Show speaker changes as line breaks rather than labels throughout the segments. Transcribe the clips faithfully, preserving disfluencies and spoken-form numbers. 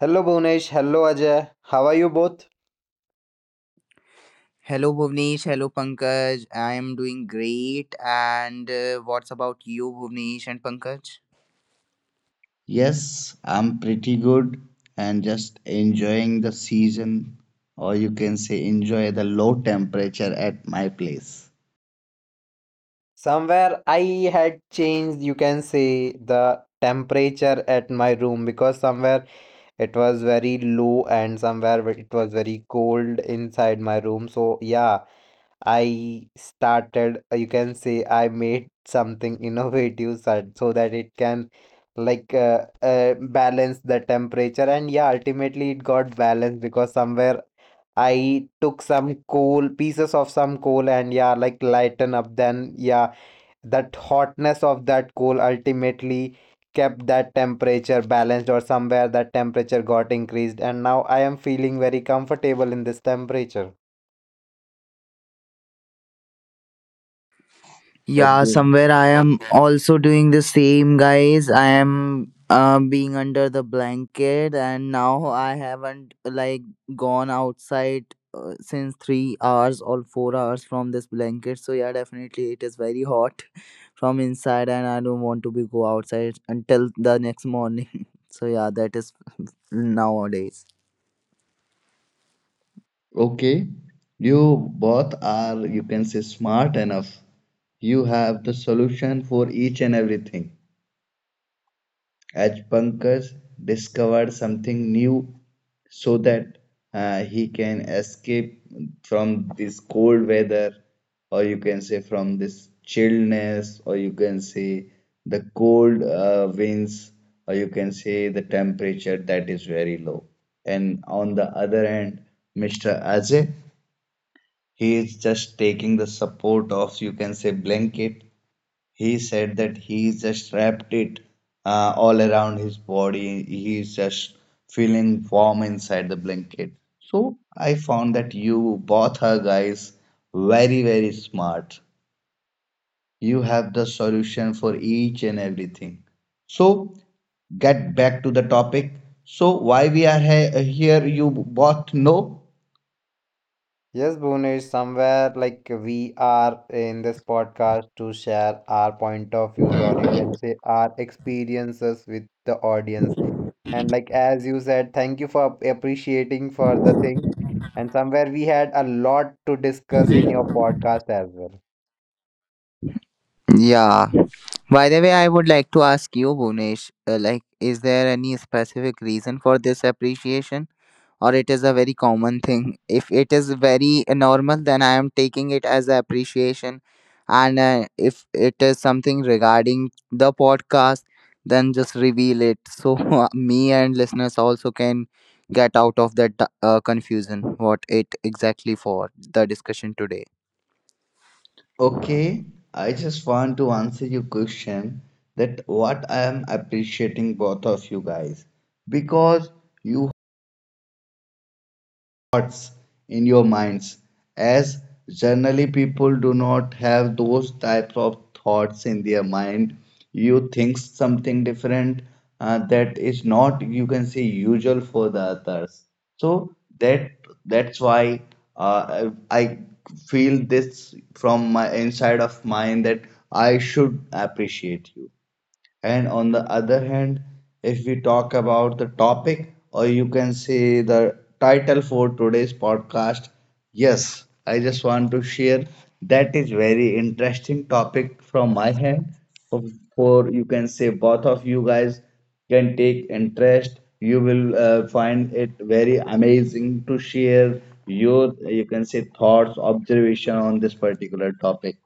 Hello Bhunesh, hello Ajay. How are you both?
Hello, Bhuvnesh. Hello, Pankaj. I am doing great. And uh, what's about you, Bhuvnesh and Pankaj?
Yes, I'm pretty good and just enjoying the season, or you can say enjoy the low temperature at my place.
Somewhere I had changed, you can say, the temperature at my room because somewhere it was very low and somewhere it was very cold inside my room. So, yeah, I started, uh, you can say, I made something innovative so so that it can like uh, uh, balance the temperature. And yeah, ultimately it got balanced because somewhere I took some coal, pieces of some coal, and yeah, like lighten up. Then yeah, that hotness of that coal ultimately kept that temperature balanced, or somewhere that temperature got increased. And now I am feeling very comfortable in this temperature.
Yeah,
Okay.
somewhere I am also doing the same, guys. I am uh, being under the blanket, and now I haven't like gone outside uh, since three hours or four hours from this blanket. So yeah, definitely it is very hot from inside, and I don't want to be go outside until the next morning. So yeah, that is nowadays.
Okay. You both are, you can say, smart enough. You have the solution for each and everything. Ajapankar discovered something new so that uh, he can escape from this cold weather, or you can say from this chillness, or you can say the cold uh, winds, or you can say the temperature that is very low. And on the other hand, mister Ajay, he is just taking the support of, you can say, blanket he said that he just wrapped it uh, all around his body. He's just feeling warm inside the blanket. So I found that you both are guys very, very smart. You have the solution for each and everything. So get back to the topic. So why we are he- here, you both know.
Yes, Bhunesh, somewhere like we are in this podcast to share our point of views or you can say our experiences with the audience. And like as you said, thank you for ap- appreciating for the thing. And somewhere we had a lot to discuss in your podcast as well.
Yeah. By the way, I would like to ask you, Bhunesh, uh, like, is there any specific reason for this appreciation, or it is a very common thing? If it is very normal, then I am taking it as a appreciation, and uh, if it is something regarding the podcast, then just reveal it so me and listeners also can get out of that uh, confusion. What it exactly for the discussion today?
Okay, I just want to answer your question that what I am appreciating both of you guys because you thoughts in your minds as generally people do not have those types of thoughts in their mind you think something different uh, that is not you can say usual for the others so that that's why uh, i I feel this from my inside of mind that I should appreciate you and on the other hand, if we talk about the topic, or you can say the title for today's podcast, yes, I just want to share that is very interesting topic from my hand. For for you can say both of you guys can take interest. You will uh, find it very amazing to share your you can say thoughts, observation on this particular topic.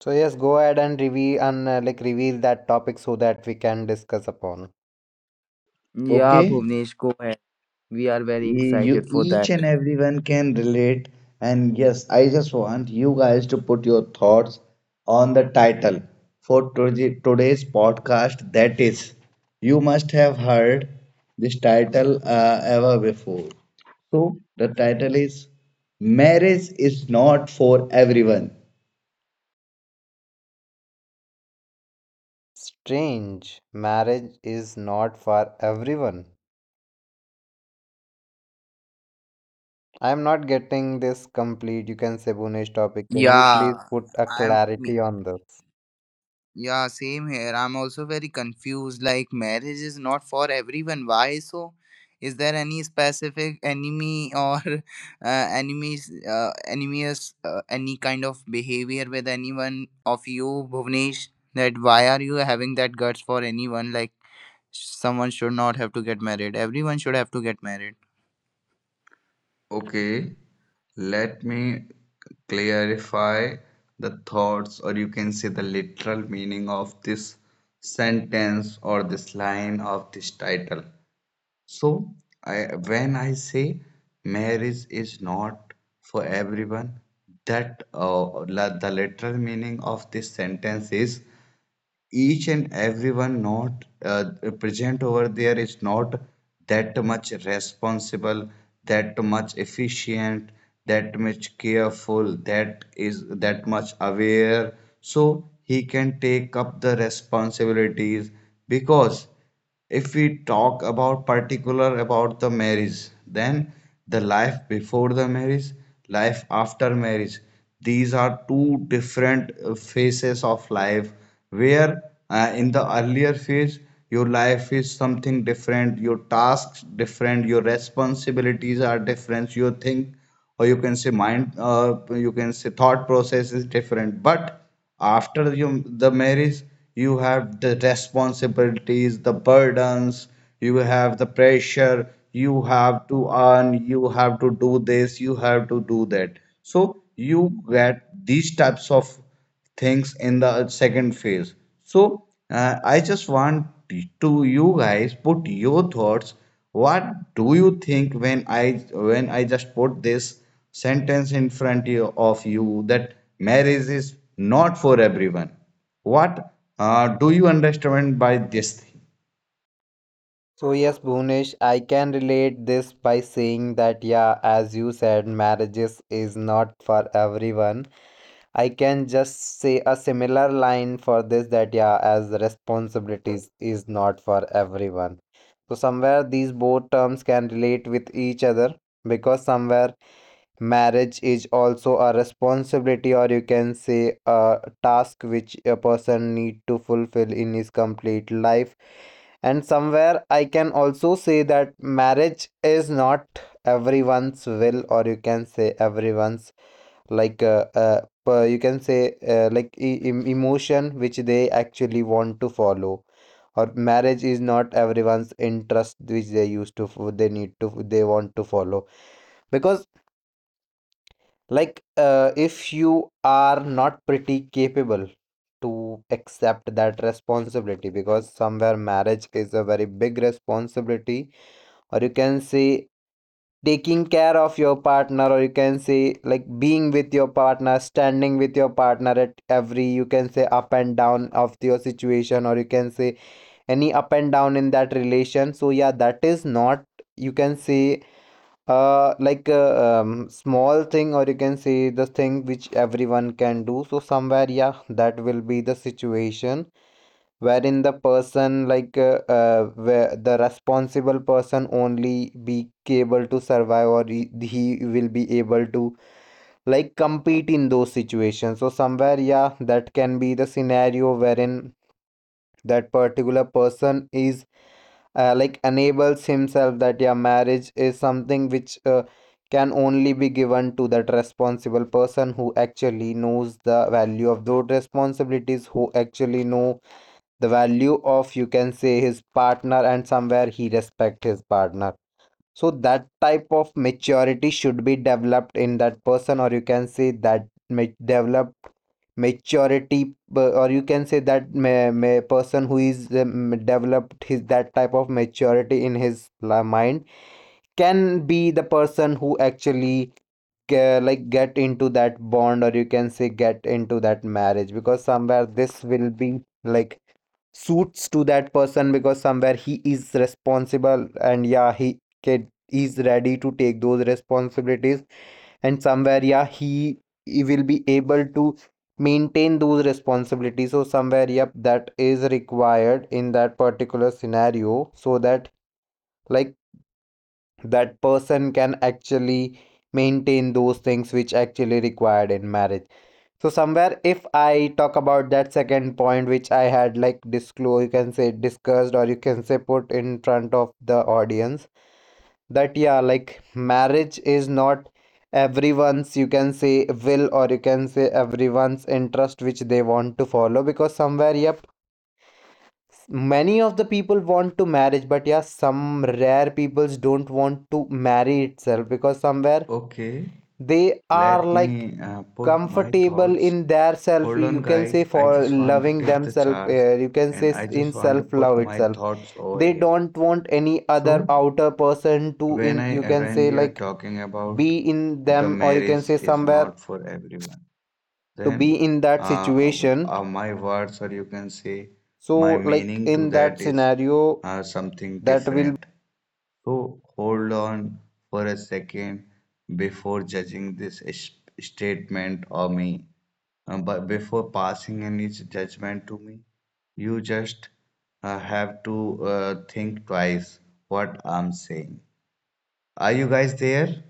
So yes, go ahead and reveal and uh, like reveal that topic so that we can discuss upon.
Yeah,
Okay.
Bhuvnesh, go ahead. We are very
E-
excited
you
for
each
that.
and everyone can relate and yes I just want you guys to put your thoughts on the title for today- today's podcast that is you must have heard this title uh, ever before so the title is marriage is not for everyone.
Strange, marriage is not for everyone. I'm not getting this complete, you can say, Bhunesh topic. Can you please
Yeah,
put a
I'm. me-
clarity on this?
Yeah, same here. I'm also very confused. Like, marriage is not for everyone. Why so? Is there any specific enemy or uh, enemies, uh, enemies, uh, any kind of behavior with anyone of you, Bhuvnesh? That why are you having that guts for anyone? Like, someone should not have to get married. Everyone should have to get married.
Okay, let me clarify the thoughts, or you can say the literal meaning of this sentence or this line of this title. So, I, when I say marriage is not for everyone, that uh, la- the literal meaning of this sentence is each and everyone not uh, present over there is not that much responsible, that much efficient, that much careful, that is that much aware. So he can take up the responsibilities because if we talk about particular about the marriage then the life before the marriage life after marriage these are two different uh, phases of life where uh, in the earlier phase your life is something different your tasks different your responsibilities are different your think or you can say mind uh, you can say thought process is different but after you, the marriage you have the responsibilities the burdens you have the pressure you have to earn you have to do this you have to do that so you get these types of things in the second phase so uh, I just want to you guys put your thoughts what do you think when i when i just put this sentence in front of you that marriage is not for everyone. What uh, do you understand by this thing?
So, yes, Bhunesh, I can relate this by saying that, yeah, as you said, marriages is not for everyone. I can just say a similar line for this that, yeah, as responsibilities is not for everyone. So, somewhere these both terms can relate with each other because somewhere marriage is also a responsibility or you can say a task which a person need to fulfill in his complete life, and somewhere I can also say that marriage is not everyone's will or you can say everyone's like uh, uh, per- you can say uh, like e- em- emotion which they actually want to follow, or marriage is not everyone's interest which they used to f- they need to they want to follow. Because like uh, if you are not pretty capable to accept that responsibility, because somewhere marriage is a very big responsibility, or you can say taking care of your partner, or you can say like being with your partner, standing with your partner at every, you can say, up and down of your situation, or you can say any up and down in that relation. So yeah, that is not, you can say, uh, like uh, um, small thing, or you can say the thing which everyone can do. So somewhere, yeah, that will be the situation wherein the person, like uh, uh, where the responsible person, only be able to survive, or he, he will be able to like compete in those situations. So somewhere, yeah, that can be the scenario wherein that particular person is uh, like enables himself that yeah, marriage is something which uh, can only be given to that responsible person who actually knows the value of those responsibilities, who actually know the value of, you can say, his partner, and somewhere he respect his partner. So that type of maturity should be developed in that person, or you can say that ma- developed maturity uh, or you can say that ma- ma- person who is um, developed his that type of maturity in his la- mind can be the person who actually uh, like get into that bond, or you can say get into that marriage, because somewhere this will be like suits to that person, because somewhere he is responsible and yeah, he can is ready to take those responsibilities and somewhere yeah, he, he will be able to maintain those responsibilities. So somewhere, yep, that is required in that particular scenario, so that like that person can actually maintain those things which actually required in marriage. So somewhere, if I talk about that second point, which I had like disclosed, you can say discussed, or you can say put in front of the audience, that yeah, like marriage is not everyone's, you can say, will, or you can say everyone's interest which they want to follow, because somewhere, yep, many of the people want to marriage, but yeah, some rare peoples don't want to marry itself, because somewhere
Okay,
they are
let
like
me uh, put my
comfortable
thoughts.
in their self,
Hold on,
you can say
guys. I
for
just want to
loving
take the
themselves,
charge
uh, you can
and
say s-
I
in
just want to
self
put
love
my
itself,
thoughts over
they
here.
don't want any other
So,
outer person to
when
in, you
I
can
when
say,
we are
like
talking about
be in
the
them, or you can
marriage
say
is
somewhere
not for everyone.
to
Then
be in that
uh,
situation.
uh, my words or you can say
So
my
like
meaning to
in that
that is
scenario
uh, something
that will.
different so hold on for a second before judging this s- statement or me. Uh, but before passing any judgment to me you just uh, have to uh, think twice what I'm saying. Are you guys there?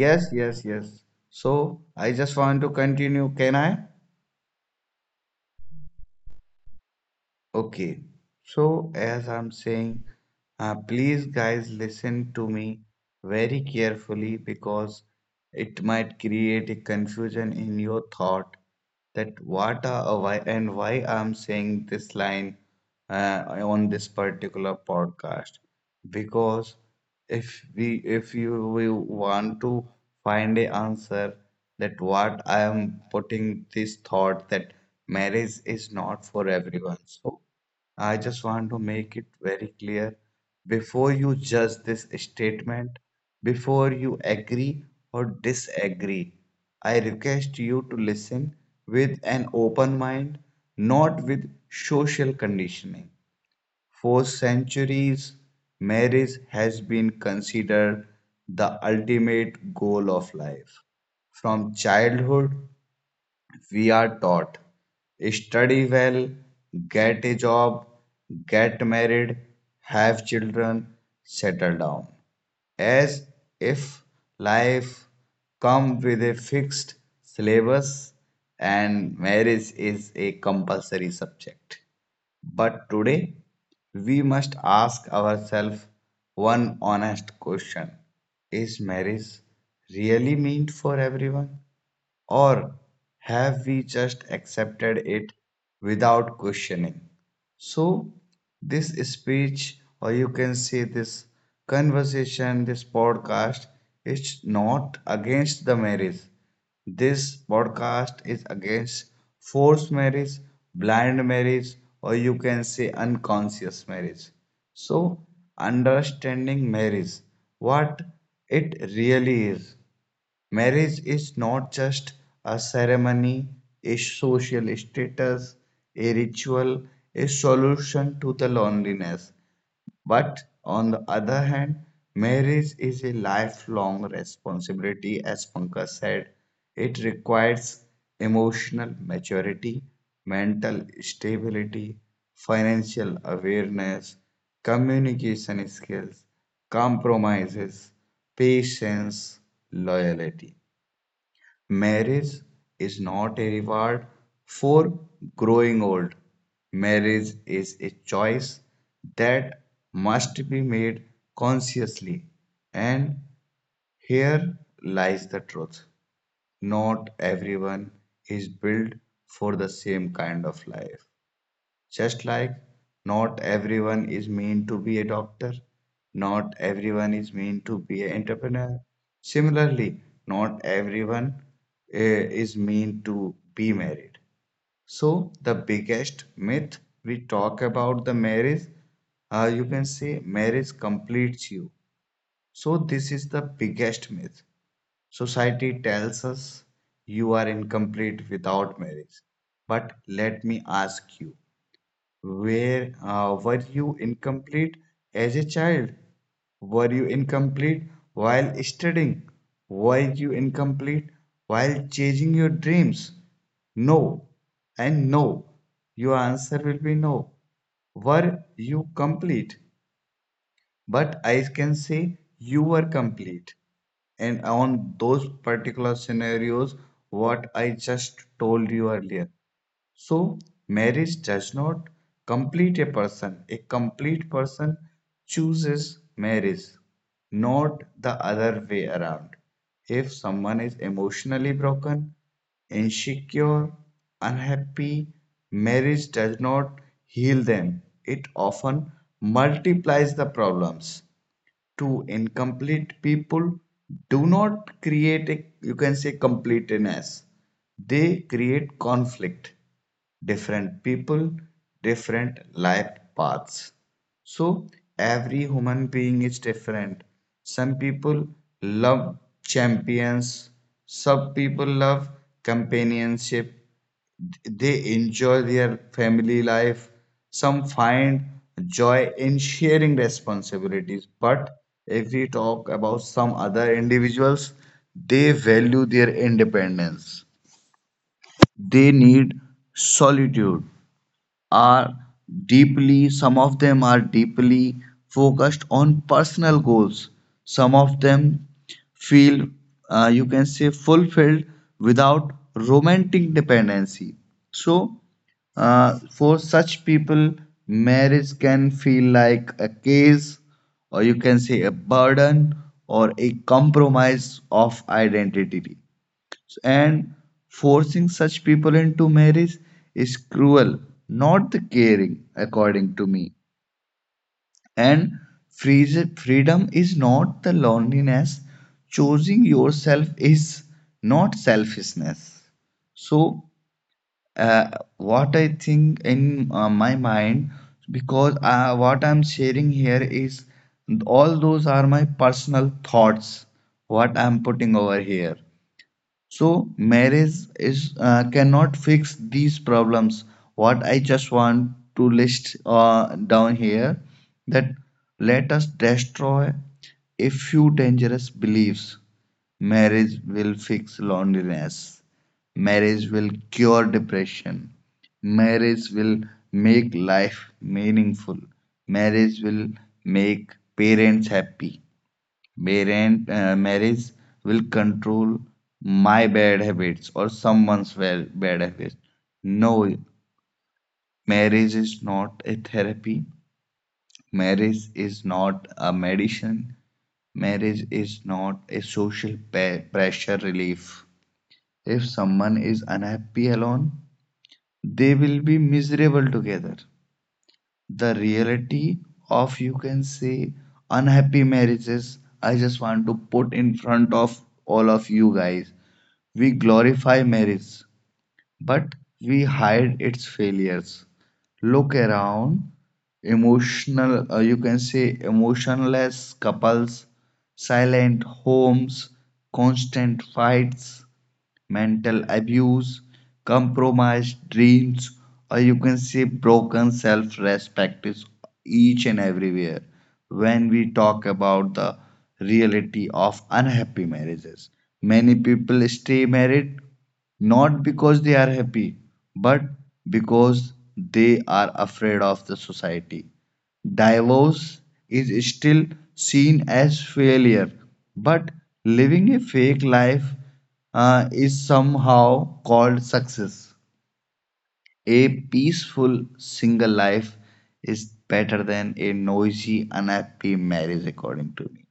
Yes, yes, yes. So I just want to continue. Can I? Okay, so as I'm saying, uh, please guys listen to me very carefully because it might create a confusion in your thought that what are uh, why and why I'm saying this line uh, on this particular podcast because if we if you will want to find a answer that what I am putting this thought that marriage is not for everyone so I just want to make it very clear before you judge this statement before you agree or disagree I request you to listen with an open mind not with social conditioning for centuries, marriage has been considered the ultimate goal of life. From childhood, we are taught study well, get a job, get married, have children, settle down. As if life come with a fixed syllabus and marriage is a compulsory subject. But today, we must ask ourselves one honest question. Is marriage really meant for everyone? Or have we just accepted it without questioning? So, this speech, or you can say this conversation, this podcast, is not against the marriage. This podcast is against forced marriage, blind marriage, or you can say unconscious marriage. So, understanding marriage, what it really is. Marriage is not just a ceremony, a social status, a ritual, a solution to the loneliness. But on the other hand, marriage is a lifelong responsibility, as Pankaj said. It requires emotional maturity, mental stability, financial awareness, communication skills, compromises, patience, loyalty. Marriage is not a reward for growing old. Marriage is a choice that must be made consciously. And here lies the truth. Not everyone is built for the same kind of life. Just like not everyone is meant to be a doctor, not everyone is meant to be an entrepreneur. Similarly, not everyone uh, is meant to be married. So, the biggest myth we talk about the marriage, uh, you can say marriage completes you. So, this is the biggest myth. Society tells us you are incomplete without marriage. But let me ask you where uh, were you incomplete as a child? Were you incomplete while studying? Were you incomplete while chasing your dreams? No, and no. Your answer will be no. Were you complete? But I can say you were complete. And on those particular scenarios, what I just told you earlier. So, marriage does not complete a person. A complete person chooses marriage, not the other way around. If someone is emotionally broken, insecure, unhappy, marriage does not heal them. It often multiplies the problems to incomplete people do not create a you can say completeness they create conflict different people different life paths so every human being is different some people love champions some people love companionship they enjoy their family life. Some find joy in sharing responsibilities. But if we talk about some other individuals, they value their independence. They need solitude are deeply, some of them are deeply focused on personal goals. Some of them feel, uh, you can say, fulfilled without romantic dependency. So, uh, for such people, marriage can feel like a case, or you can say a burden, or a compromise of identity and forcing such people into marriage is cruel, not the caring, according to me. And freeze- freedom is not the loneliness, choosing yourself is not selfishness. So, uh, what I think in uh, my mind, because uh, what I'm sharing here is all those are my personal thoughts, what I'm putting over here. So marriage is uh, cannot fix these problems. What I just want to list uh, down here that let us destroy a few dangerous beliefs. Marriage will fix loneliness. Marriage will cure depression. Marriage will make life meaningful. Marriage will make parents happy. Parent uh, marriage will control my bad habits or someone's well, bad habits. No, marriage is not a therapy. Marriage is not a medicine. Marriage is not a social pe- pressure relief. If someone is unhappy alone, they will be miserable together. The reality of, you can say, unhappy marriages, I just want to put in front of all of you guys. We glorify marriage, but we hide its failures. Look around, emotional, uh, you can say emotionless couples, silent homes, constant fights mental abuse, compromised dreams, or you can say broken self respect is each and everywhere when we talk about the reality of unhappy marriages. Many people stay married not because they are happy, but because they are afraid of the society. Divorce is still seen as failure, but living a fake life uh, is somehow called success. A peaceful single life is better than a noisy, unhappy marriage, according to me.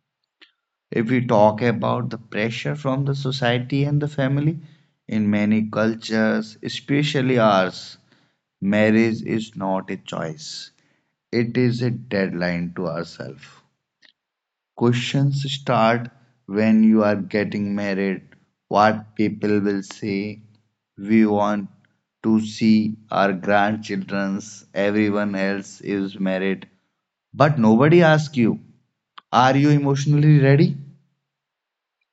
If we talk about the pressure from the society and the family, in many cultures, especially ours, marriage is not a choice, it is a deadline to ourselves. Questions start when you are getting married, what people will say. We want to see our grandchildren's, everyone else is married, but nobody asks you, are you emotionally ready?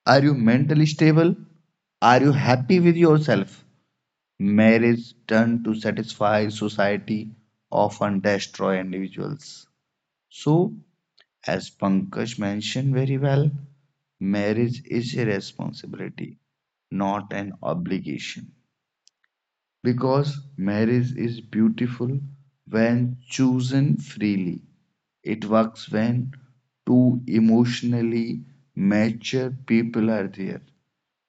Are you mentally stable? Are you happy with yourself? Marriage done to satisfy society often destroy individuals. So, as Pankaj mentioned very well, marriage is a responsibility, not an obligation. Because marriage is beautiful when chosen freely. It works when two emotionally mature people are there.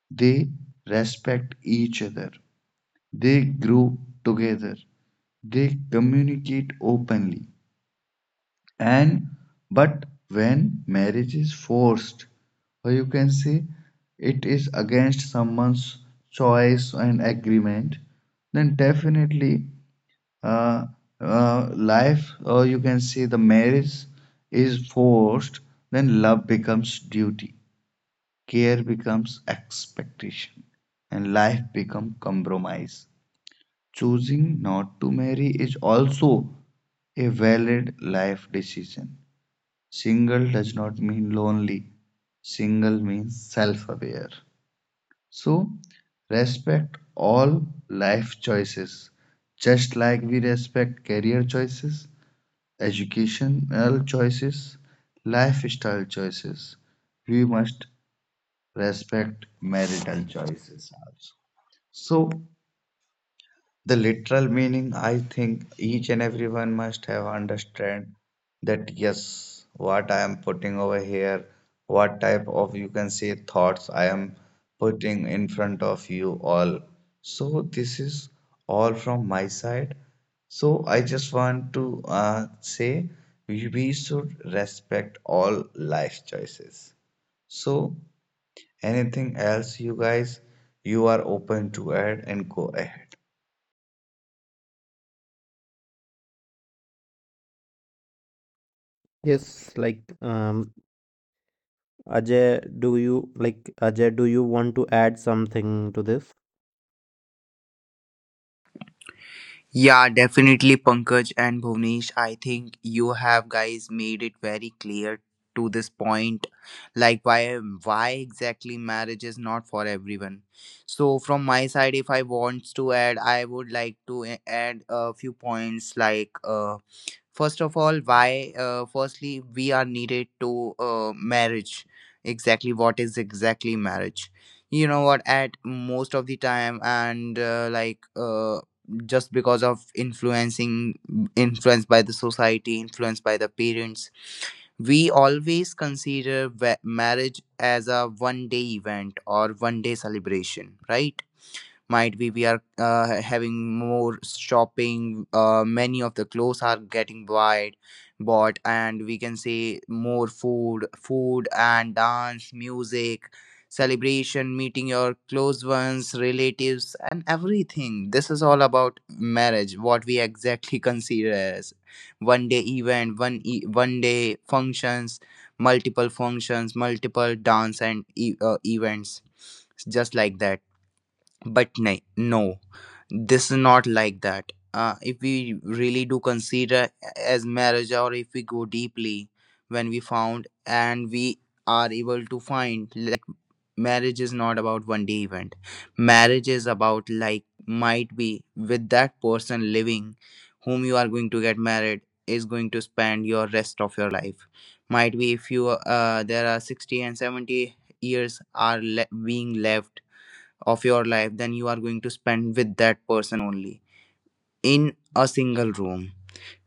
They respect each other. They grow together. They communicate openly. And but when marriage is forced, or you can say it is against someone's choice and agreement, then definitely uh, uh, life, or you can say the marriage is forced, then love becomes duty care becomes expectation and life becomes compromise. Choosing not to marry is also a valid life decision. Single does not mean lonely, single means self aware. So, respect all life choices, just like we respect career choices, educational choices, lifestyle choices. We must respect marital choices also. So the literal meaning, I think each and everyone must have understand that yes, what I am putting over here, what type of you can say thoughts I am putting in front of you all. So this is all from my side. So I just want to uh, say we we should respect all life choices. So anything else you guys you are open to add and go ahead.
Yes, like um, Ajay, do you like Ajay, do you want to add something to this?
Yeah, definitely Pankaj and Bhuvnesh. I think you have guys made it very clear to this point like why why exactly marriage is not for everyone. So from my side, if I want to add, I would like to a- add a few points, like uh first of all, why uh, firstly we are needed to uh, marriage, exactly what is exactly marriage, you know what, at most of the time, and uh, like uh, just because of influencing influenced by the society, influenced by the parents, we always consider wa- marriage as a one day event or one day celebration, right? Might be we are uh, having more shopping, uh, many of the clothes are getting bought bought, and we can say more food food and dance music celebration, meeting your close ones, relatives and everything. This is all about marriage, what we exactly consider as one day event, one e- one day functions, multiple functions, multiple dance and e- uh, events just like that. But ni- no, this is not like that. Uh, if we really do consider as marriage, or if we go deeply, when we found and we are able to find, like marriage is not about one day event. Marriage is about, like, might be with that person living, whom you are going to get married, is going to spend your rest of your life. Might be if you uh, there are sixty and seventy years are le- being left of your life, then you are going to spend with that person only in a single room.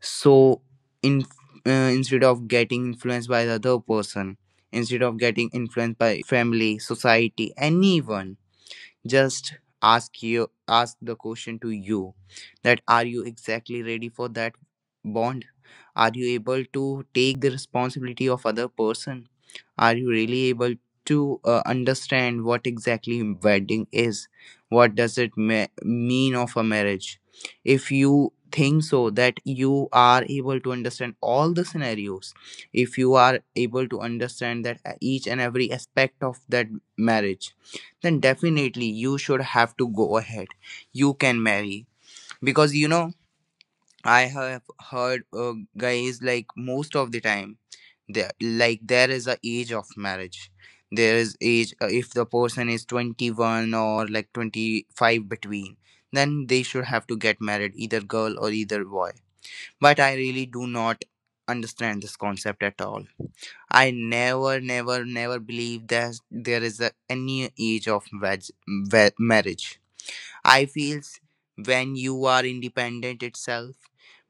So in, uh, instead of getting influenced by the other person, instead of getting influenced by family, society, anyone, just ask you ask the question to you that are you exactly ready for that bond, are you able to take the responsibility of other person, are you really able to uh, understand what exactly wedding is, what does it me- mean of a marriage. If you think so that you are able to understand all the scenarios, if you are able to understand that uh, each and every aspect of that marriage, then definitely you should have to go ahead, you can marry. Because, you know, I have heard uh, guys, like most of the time, there like there is a age of marriage. There is age, uh, if the person is twenty one or like twenty five between, then they should have to get married, either girl or either boy. But I really do not understand this concept at all. I never, never, never believe that there is a, any age of veg, ve- marriage. I feels when you are independent itself,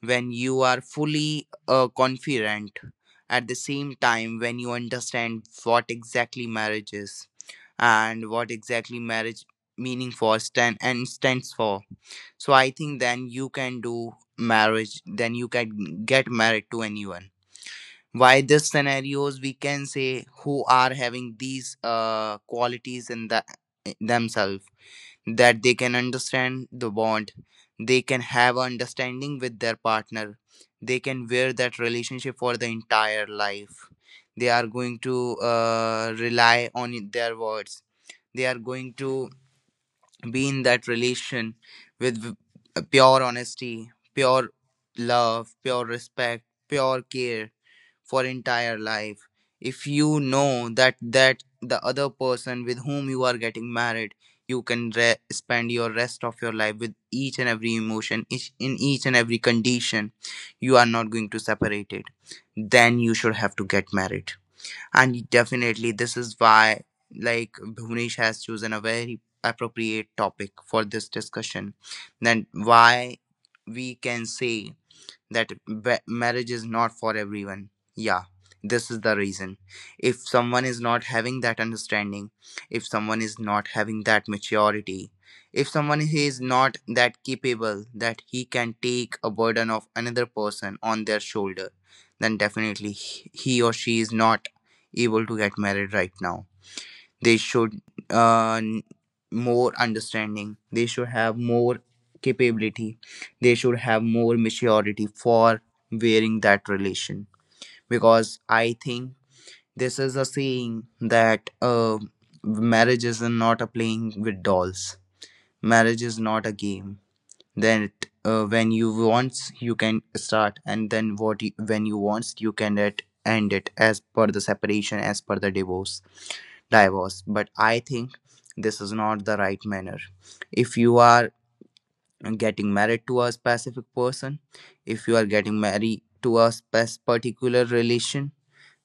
when you are fully uh, confident, at the same time when you understand what exactly marriage is and what exactly marriage meaning for stand and stands for. So I think then you can do marriage, then you can get married to anyone. Why this scenarios, we can say, who are having these uh, qualities in the themselves, that they can understand the bond, they can have understanding with their partner, they can wear that relationship for the entire life, they are going to uh, rely on i- their words, they are going to be in that relation with v- uh, pure honesty, pure love, pure respect, pure care for entire life. If you know that that the other person with whom you are getting married, you can re- spend your rest of your life with each and every emotion, each, in each and every condition you are not going to separate it, then you should have to get married. And definitely this is why, like, Bhuvnesh has chosen a very appropriate topic for this discussion, then why we can say that ba- marriage is not for everyone. Yeah, this is the reason. If someone is not having that understanding, if someone is not having that maturity, if someone he is not that capable that he can take a burden of another person on their shoulder, then definitely he he or she is not able to get married right now. They should uh, more understanding, they should have more capability, they should have more maturity for wearing that relation. Because I think this is a saying that uh, marriage is not a playing with dolls, marriage is not a game, then it, uh, when you wants you can start, and then what you, when you wants you can at, end it as per the separation, as per the divorce divorce. But I think this is not the right manner. If you are getting married to a specific person, if you are getting married to a spec- particular relation,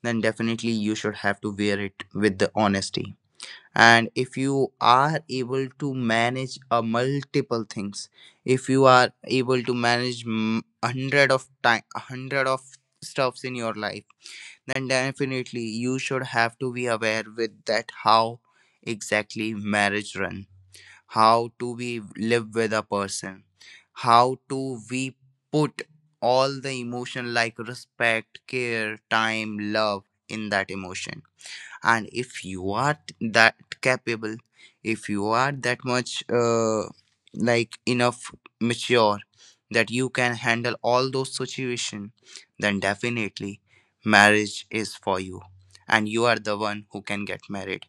then definitely you should have to wear it with the honesty. And if you are able to manage a multiple things, if you are able to manage m- a hundred of time, a hundred of stuffs in your life, then definitely you should have to be aware with that how exactly marriage run, how to we live with a person, how to we put all the emotion like respect, care, time, love in that emotion. And if you are that capable, if you are that much uh, like enough mature that you can handle all those situations, then definitely marriage is for you, and you are the one who can get married,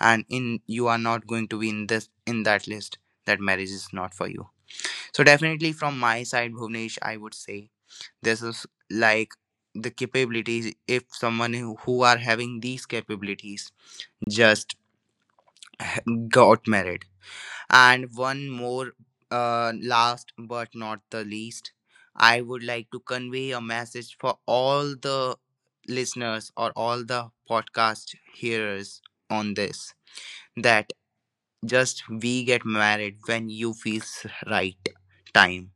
and in you are not going to be in this in that list that marriage is not for you. So definitely from my side, Bhuvnesh, I would say this is like the capabilities. If someone who who are having these capabilities, just got married. And one more, uh, last but not the least, I would like to convey a message for all the listeners or all the podcast hearers on this, that just we get married when you feels right time,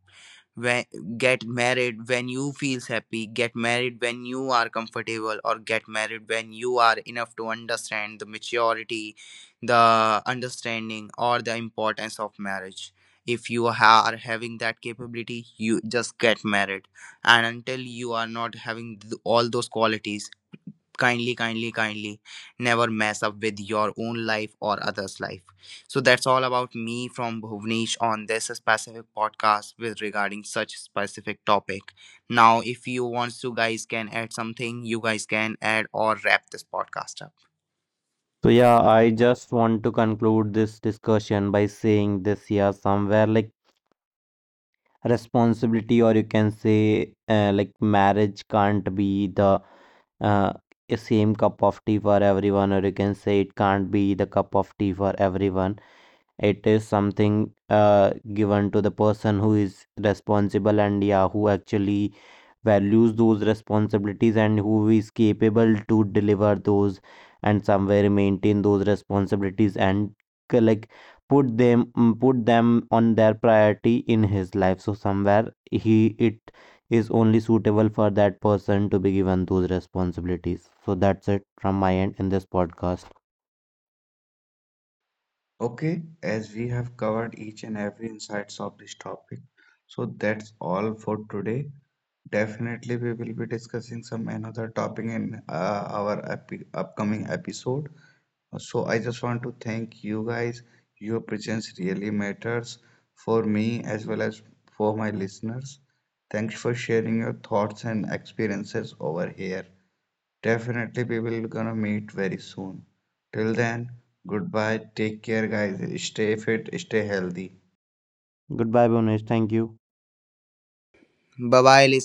when, get married when you feels happy, get married when you are comfortable, or get married when you are enough to understand the maturity, the understanding or the importance of marriage. If you ha- are having that capability, you just get married. And until you are not having th- all those qualities, kindly, kindly, kindly never mess up with your own life or others life. So that's all about me from Bhuvnesh on this specific podcast with regarding such specific topic. Now if you want to guys can add something, you guys can add or wrap this podcast up.
So yeah, I just want to conclude this discussion by saying this, yeah, somewhere like responsibility, or you can say uh, like marriage can't be the uh, same cup of tea for everyone, or you can say it can't be the cup of tea for everyone. It is something uh, given to the person who is responsible, and yeah, who actually values those responsibilities and who is capable to deliver those and somewhere maintain those responsibilities and k- like put them mm, put them on their priority in his life. So somewhere he, it is only suitable for that person to be given those responsibilities. So that's it from my end in this podcast.
Okay, as we have covered each and every insights of this topic, so that's all for today. Definitely, we will be discussing some another topic in uh, our epi upcoming episode. So I just want to thank you guys. Your presence really matters for me as well as for my listeners. Thanks for sharing your thoughts and experiences over here. Definitely, people gonna meet very soon. Till then, goodbye. Take care, guys. Stay fit, stay healthy.
Goodbye, Bonish. Thank you.
Bye bye.